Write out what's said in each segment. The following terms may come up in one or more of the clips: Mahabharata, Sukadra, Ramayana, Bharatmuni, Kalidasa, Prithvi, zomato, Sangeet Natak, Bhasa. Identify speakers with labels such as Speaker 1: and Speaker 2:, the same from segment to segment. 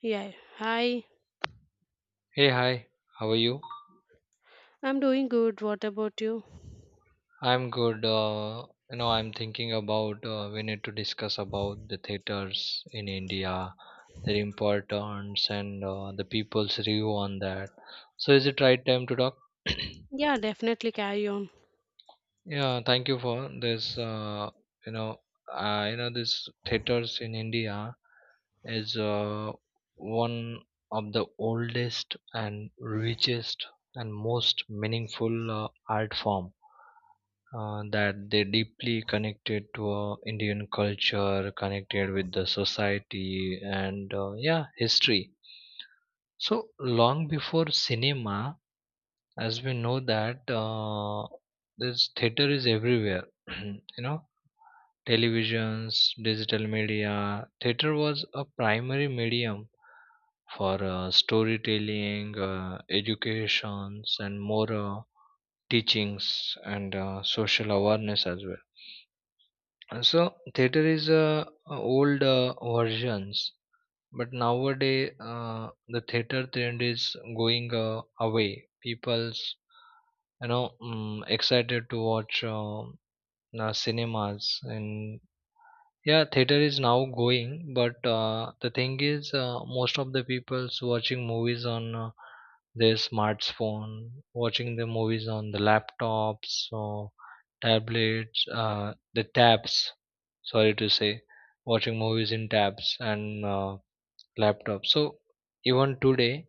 Speaker 1: Yeah, hi.
Speaker 2: Hey, hi, how are you?
Speaker 1: I'm doing good. What about you?
Speaker 2: I'm good. I'm thinking about we need to discuss about the theaters in India, their importance, and the people's review on that. So, is it right time to talk?
Speaker 1: Yeah, definitely carry on.
Speaker 2: Yeah, thank you for this. You know, this theaters in India is one of the oldest and richest and most meaningful art form that they deeply connected to Indian culture, connected with the society and yeah, history. So long before cinema, as we know that this theater is everywhere, you know, televisions, digital media. Theater was a primary medium for storytelling, educations, and more teachings and social awareness as well. So theater is old versions, but nowadays the theater trend is going away. People's excited to watch cinemas and yeah, theater is now going, but the thing is, most of the people's watching movies on their smartphone, watching the movies on the laptops or tablets, the tabs. Sorry to say, watching movies in tabs and laptops. So even today,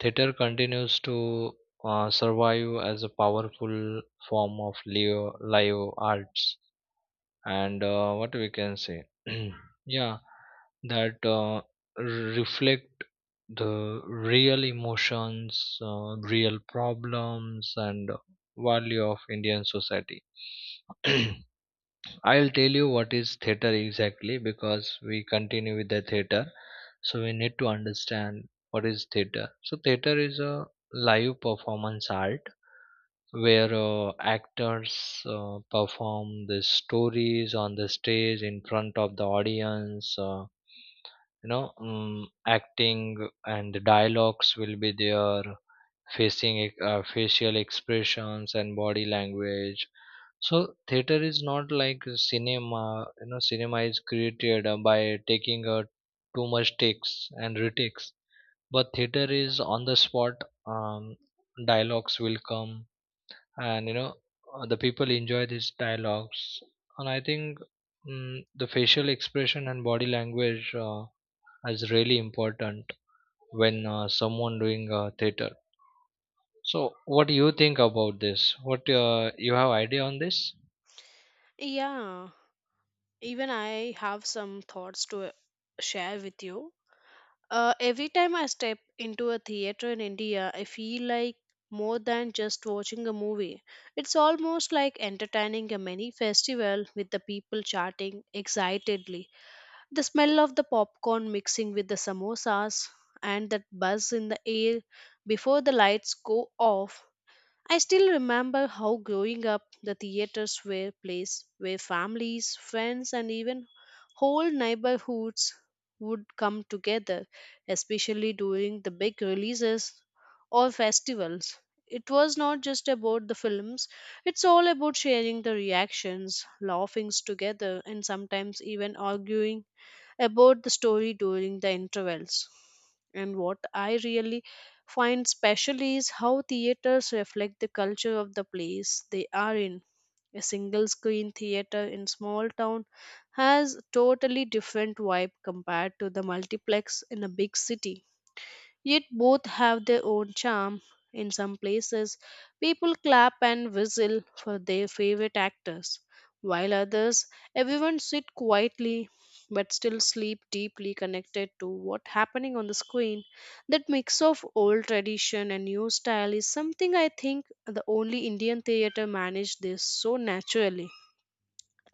Speaker 2: theater continues to survive as a powerful form of live arts and what we can say, yeah, that reflect the real emotions, real problems and value of indian society. I'll tell you what is theater exactly, because we continue with the theater, so we need to understand what is theater. So theater is a live performance art where actors perform the stories on the stage in front of the audience, acting and the dialogues will be there, facial expressions and body language. So theater is not like cinema. You know, cinema is created by taking too much takes and retakes, but theater is on the spot. um, Dialogues will come, and you know, the people enjoy these dialogues. And I think, mm the facial expression and body language is really important when someone doing theater. So what do you think about this? What you have idea on this?
Speaker 1: Yeah, even I have some thoughts to share with you. Every time I step into a theater in India, I feel like more than just watching a movie. It's almost like entertaining a mini festival with the people chatting excitedly. The smell of the popcorn mixing with the samosas and that buzz in the air before the lights go off. I still remember how growing up the theaters were place where families, friends and even whole neighborhoods would come together, especially during the big releases or festivals. It was not just about the films, it's all about sharing the reactions, laughing together and sometimes even arguing about the story during the intervals. And what I really find special is how theaters reflect the culture of the place they are in. A single screen theater in small town has totally different vibe compared to the multiplex in a big city. Yet both have their own charm. In some places, people clap and whistle for their favorite actors, while others, everyone sit quietly but still sleep deeply connected to what's happening on the screen. That mix of old tradition and new style is something I think the only Indian theater managed this so naturally,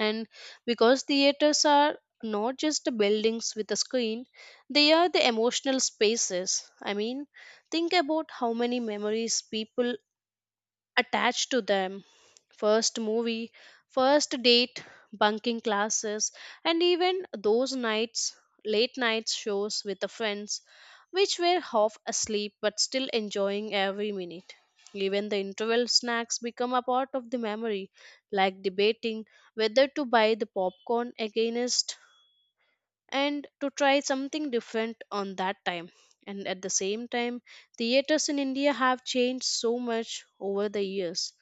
Speaker 1: and because theaters are not just the buildings with a screen, they are the emotional spaces. I mean, think about how many memories people attached to them. First movie, first date, bunking classes, and even those nights, late night shows with the friends, which were half asleep but still enjoying every minute. Even the interval snacks become a part of the memory, like debating whether to buy the popcorn against and to try something different on that time. And at the same time, theaters in India have changed so much over the years.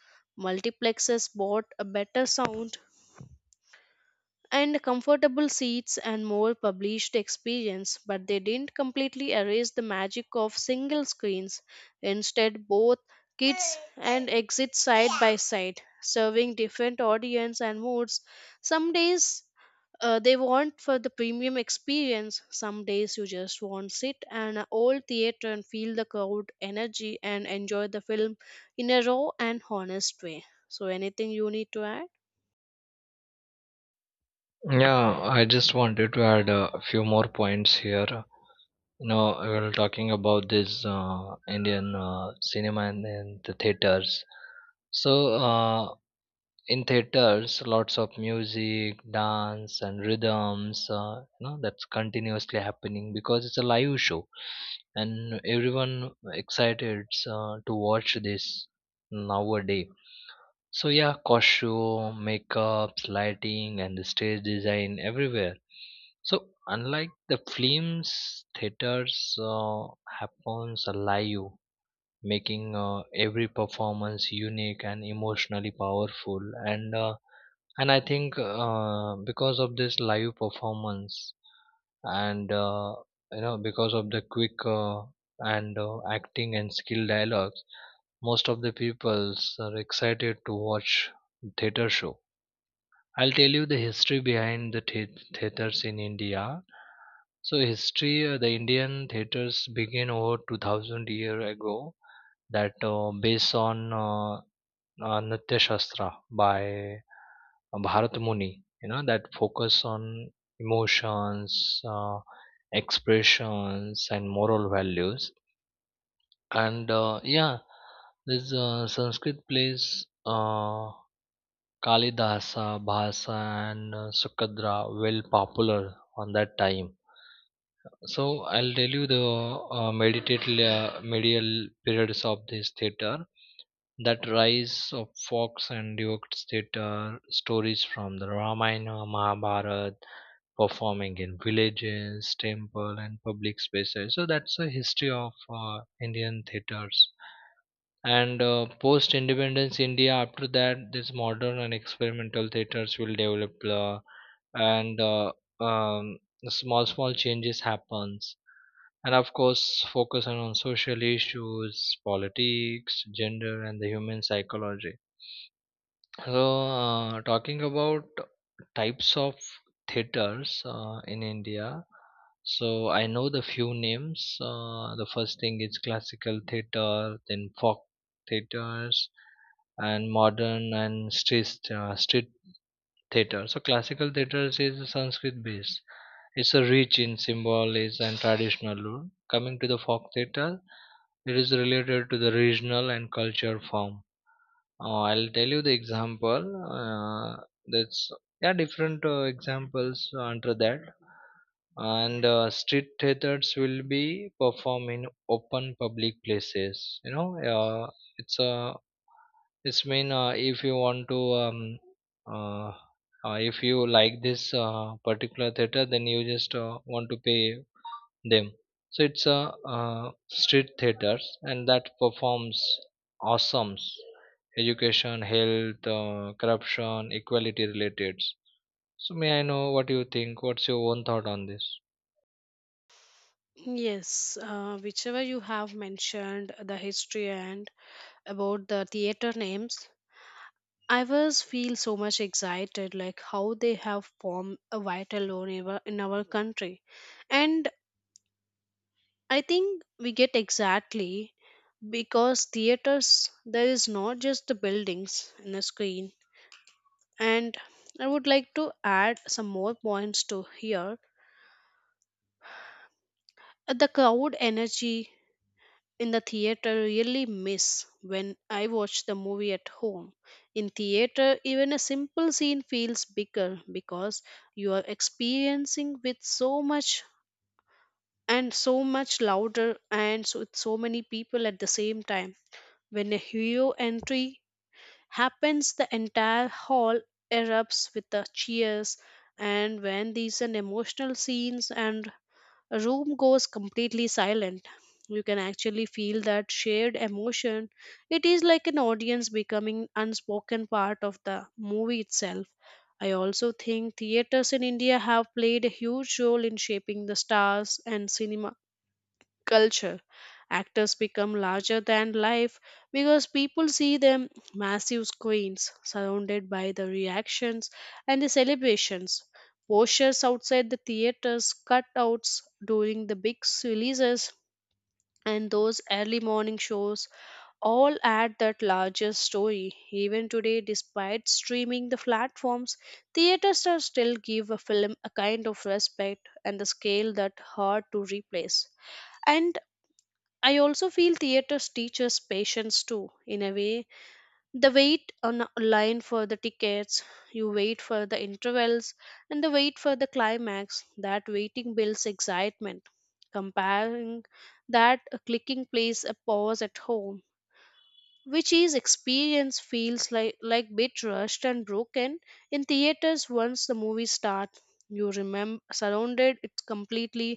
Speaker 1: Multiplexes bought a better sound and comfortable seats and more published experience, but they didn't completely erase the magic of single screens. Instead, both kids and exit side by side serving different audience and moods. Some days they want for the premium experience. Some days you just want sit in an old theater and feel the crowd energy and enjoy the film in a raw and honest way. So anything you need to add?
Speaker 2: Yeah, I just wanted to add a few more points here. You know, we're talking about this indian cinema and the theaters. So uh, in theaters lots of music, dance and rhythms, you know, that's continuously happening because it's a live show, and everyone excited to watch this nowadays. So yeah, costume, makeups, lighting and the stage design everywhere. So unlike the films, theaters happens live, making every performance unique and emotionally powerful. And uh, and I think because of this live performance and you know, because of the quick and acting and skill dialogues, most of the peoples are excited to watch theater show. I'll tell you the history behind the theaters in india. So history, the indian theaters began over 2000 year ago, that based on uh, natya shastra by Bharatmuni, you know, that focus on emotions, expressions, and moral values. And yeah, this Sanskrit plays, Kalidasa, Bhasa, and Sukadra well popular on that time. So I'll tell you the meditative medial periods of this theater. That rise of fox and Duke's theater, stories from the Ramayana, Mahabharata, performing in villages, temple, and public spaces. So that's the history of Indian theaters. And post independence India, after that, these modern and experimental theaters will develop, and um, small changes happens. And of course, focusing on social issues, politics, gender, and the human psychology. So, talking about types of theaters in India, so I know the few names. The first thing is classical theater, then folk theaters, and modern and street theater. So, classical theaters is Sanskrit based. It's a rich in symbolism and traditional lore. Coming to the folk theater, it is related to the regional and culture form. I'll tell you the example. Uh, that's yeah, different examples under that, and street theaters will be performed in open public places. You know, uh, it's a it's mean if you want to uh, if you like this particular theater, then you just want to pay them. So it's a street theaters, and that performs awesomes education, health, corruption, equality related. So may I know what you think? What's your own thought on this?
Speaker 1: Yes, whichever you have mentioned the history and about the theater names, I was feel so much excited like how they have formed a vital role in our country, and I think we get exactly because theaters there is not just the buildings and the screen, and I would like to add some more points to here. The crowd energy in the theater really miss when I watch the movie at home. In theater even a simple scene feels bigger because you are experiencing with so much and so much louder and so, with so many people at the same time. When a hero entry happens the entire hall erupts with the cheers, and when these an emotional scenes and a room goes completely silent, you can actually feel that shared emotion. It is like an audience becoming unspoken part of the movie itself. I also think theaters in India have played a huge role in shaping the stars and cinema culture. Actors become larger than life because people see them massive screens surrounded by the reactions and the celebrations. Posters outside the theaters, cutouts during the big releases, and those early morning shows all add that larger story. Even today, despite streaming the platforms, theaters are still give a film a kind of respect and the scale that hard to replace. And I also feel theaters teaches patience too, in a way. The wait on a line for the tickets, you wait for the intervals, and the wait for the climax. That waiting builds excitement. Comparing that, a clicking plays a pause at home which is experience feels like bit rushed and broken. In theaters once the movie start you remember surrounded it completely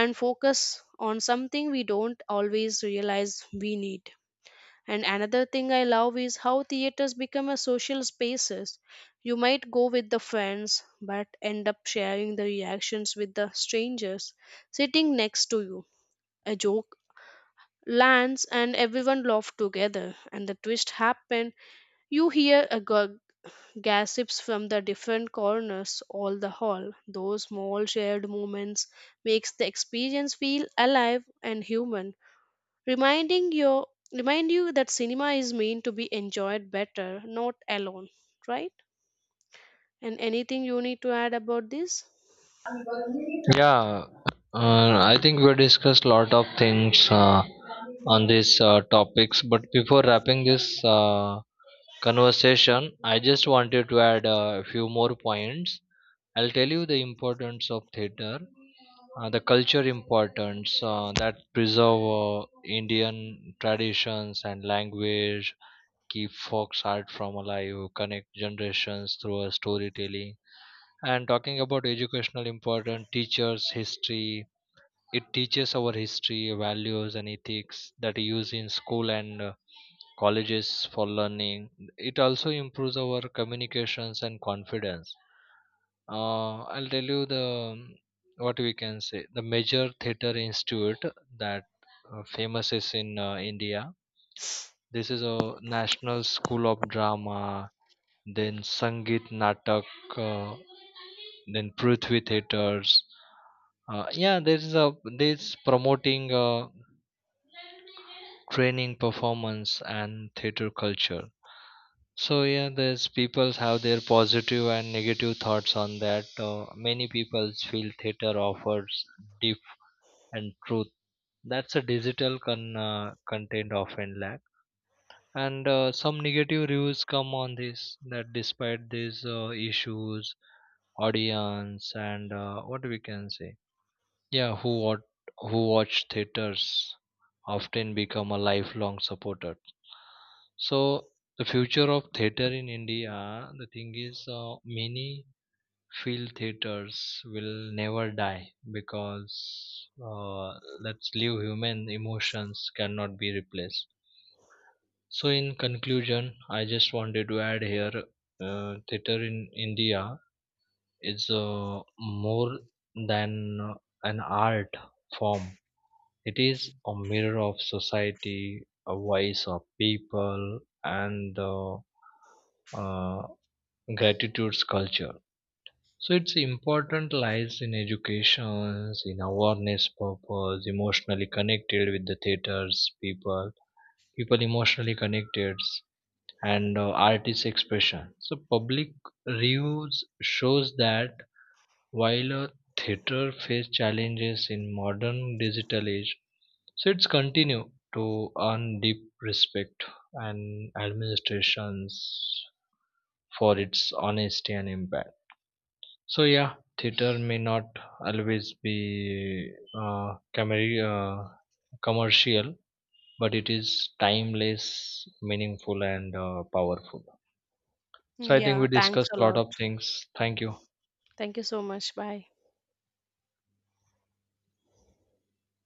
Speaker 1: and focus on something we don't always realize we need. And another thing I love is how theaters become a social spaces. You might go with the friends but end up sharing the reactions with the strangers sitting next to you. A joke lands and everyone laughed together and the twist happened, you hear a gossips from the different corners all the hall. Those small shared moments makes the experience feel alive and human, reminding your remind you that cinema is meant to be enjoyed better, not alone, right? And anything you need to add about this?
Speaker 2: Yeah, I think we discussed a lot of things on these topics. But before wrapping this conversation, I just wanted to add a few more points. I'll tell you the importance of theater, the culture importance that preserve Indian traditions and language, keep folk art from alive, connect generations through a storytelling. And talking about educational importance, teachers history. It teaches our history, values, and ethics that we use in school and colleges for learning. It also improves our communications and confidence. I'll tell you the what we can say the major theater institute that famous is in India. This is a national school of drama, then Sangeet Natak, uh, then Prithvi theaters. Yeah, there is a this promoting training performance and theater culture. So yeah, there's people have their positive and negative thoughts on that. Many people feel theater offers and truth. That's a content often lack. And some negative reviews come on this, that despite these issues, audience and what we can say, yeah, who watch theaters often become a lifelong supporter. So the future of theater in India, the thing is, many field theaters will never die, because uh, let's leave human emotions cannot be replaced. So in conclusion, I just wanted to add here, theater in india is more than an art form. It is a mirror of society, a voice of people, and uh, gratitude's culture. So its importance lies in education, in awareness purpose, emotionally connected with the theaters people, people emotionally connected, and artist expression. So public reviews shows that while a theater face challenges in modern digital age, so it's continue to earn deep respect and administrations for its honesty and impact. So yeah, theater may not always be camera commercial, but it is timeless, meaningful, and powerful. So I think
Speaker 1: Yeah,
Speaker 2: we
Speaker 1: thanks
Speaker 2: discussed
Speaker 1: a
Speaker 2: a lot
Speaker 1: lot.
Speaker 2: of things. Thank you.
Speaker 1: Thank you so much. Bye.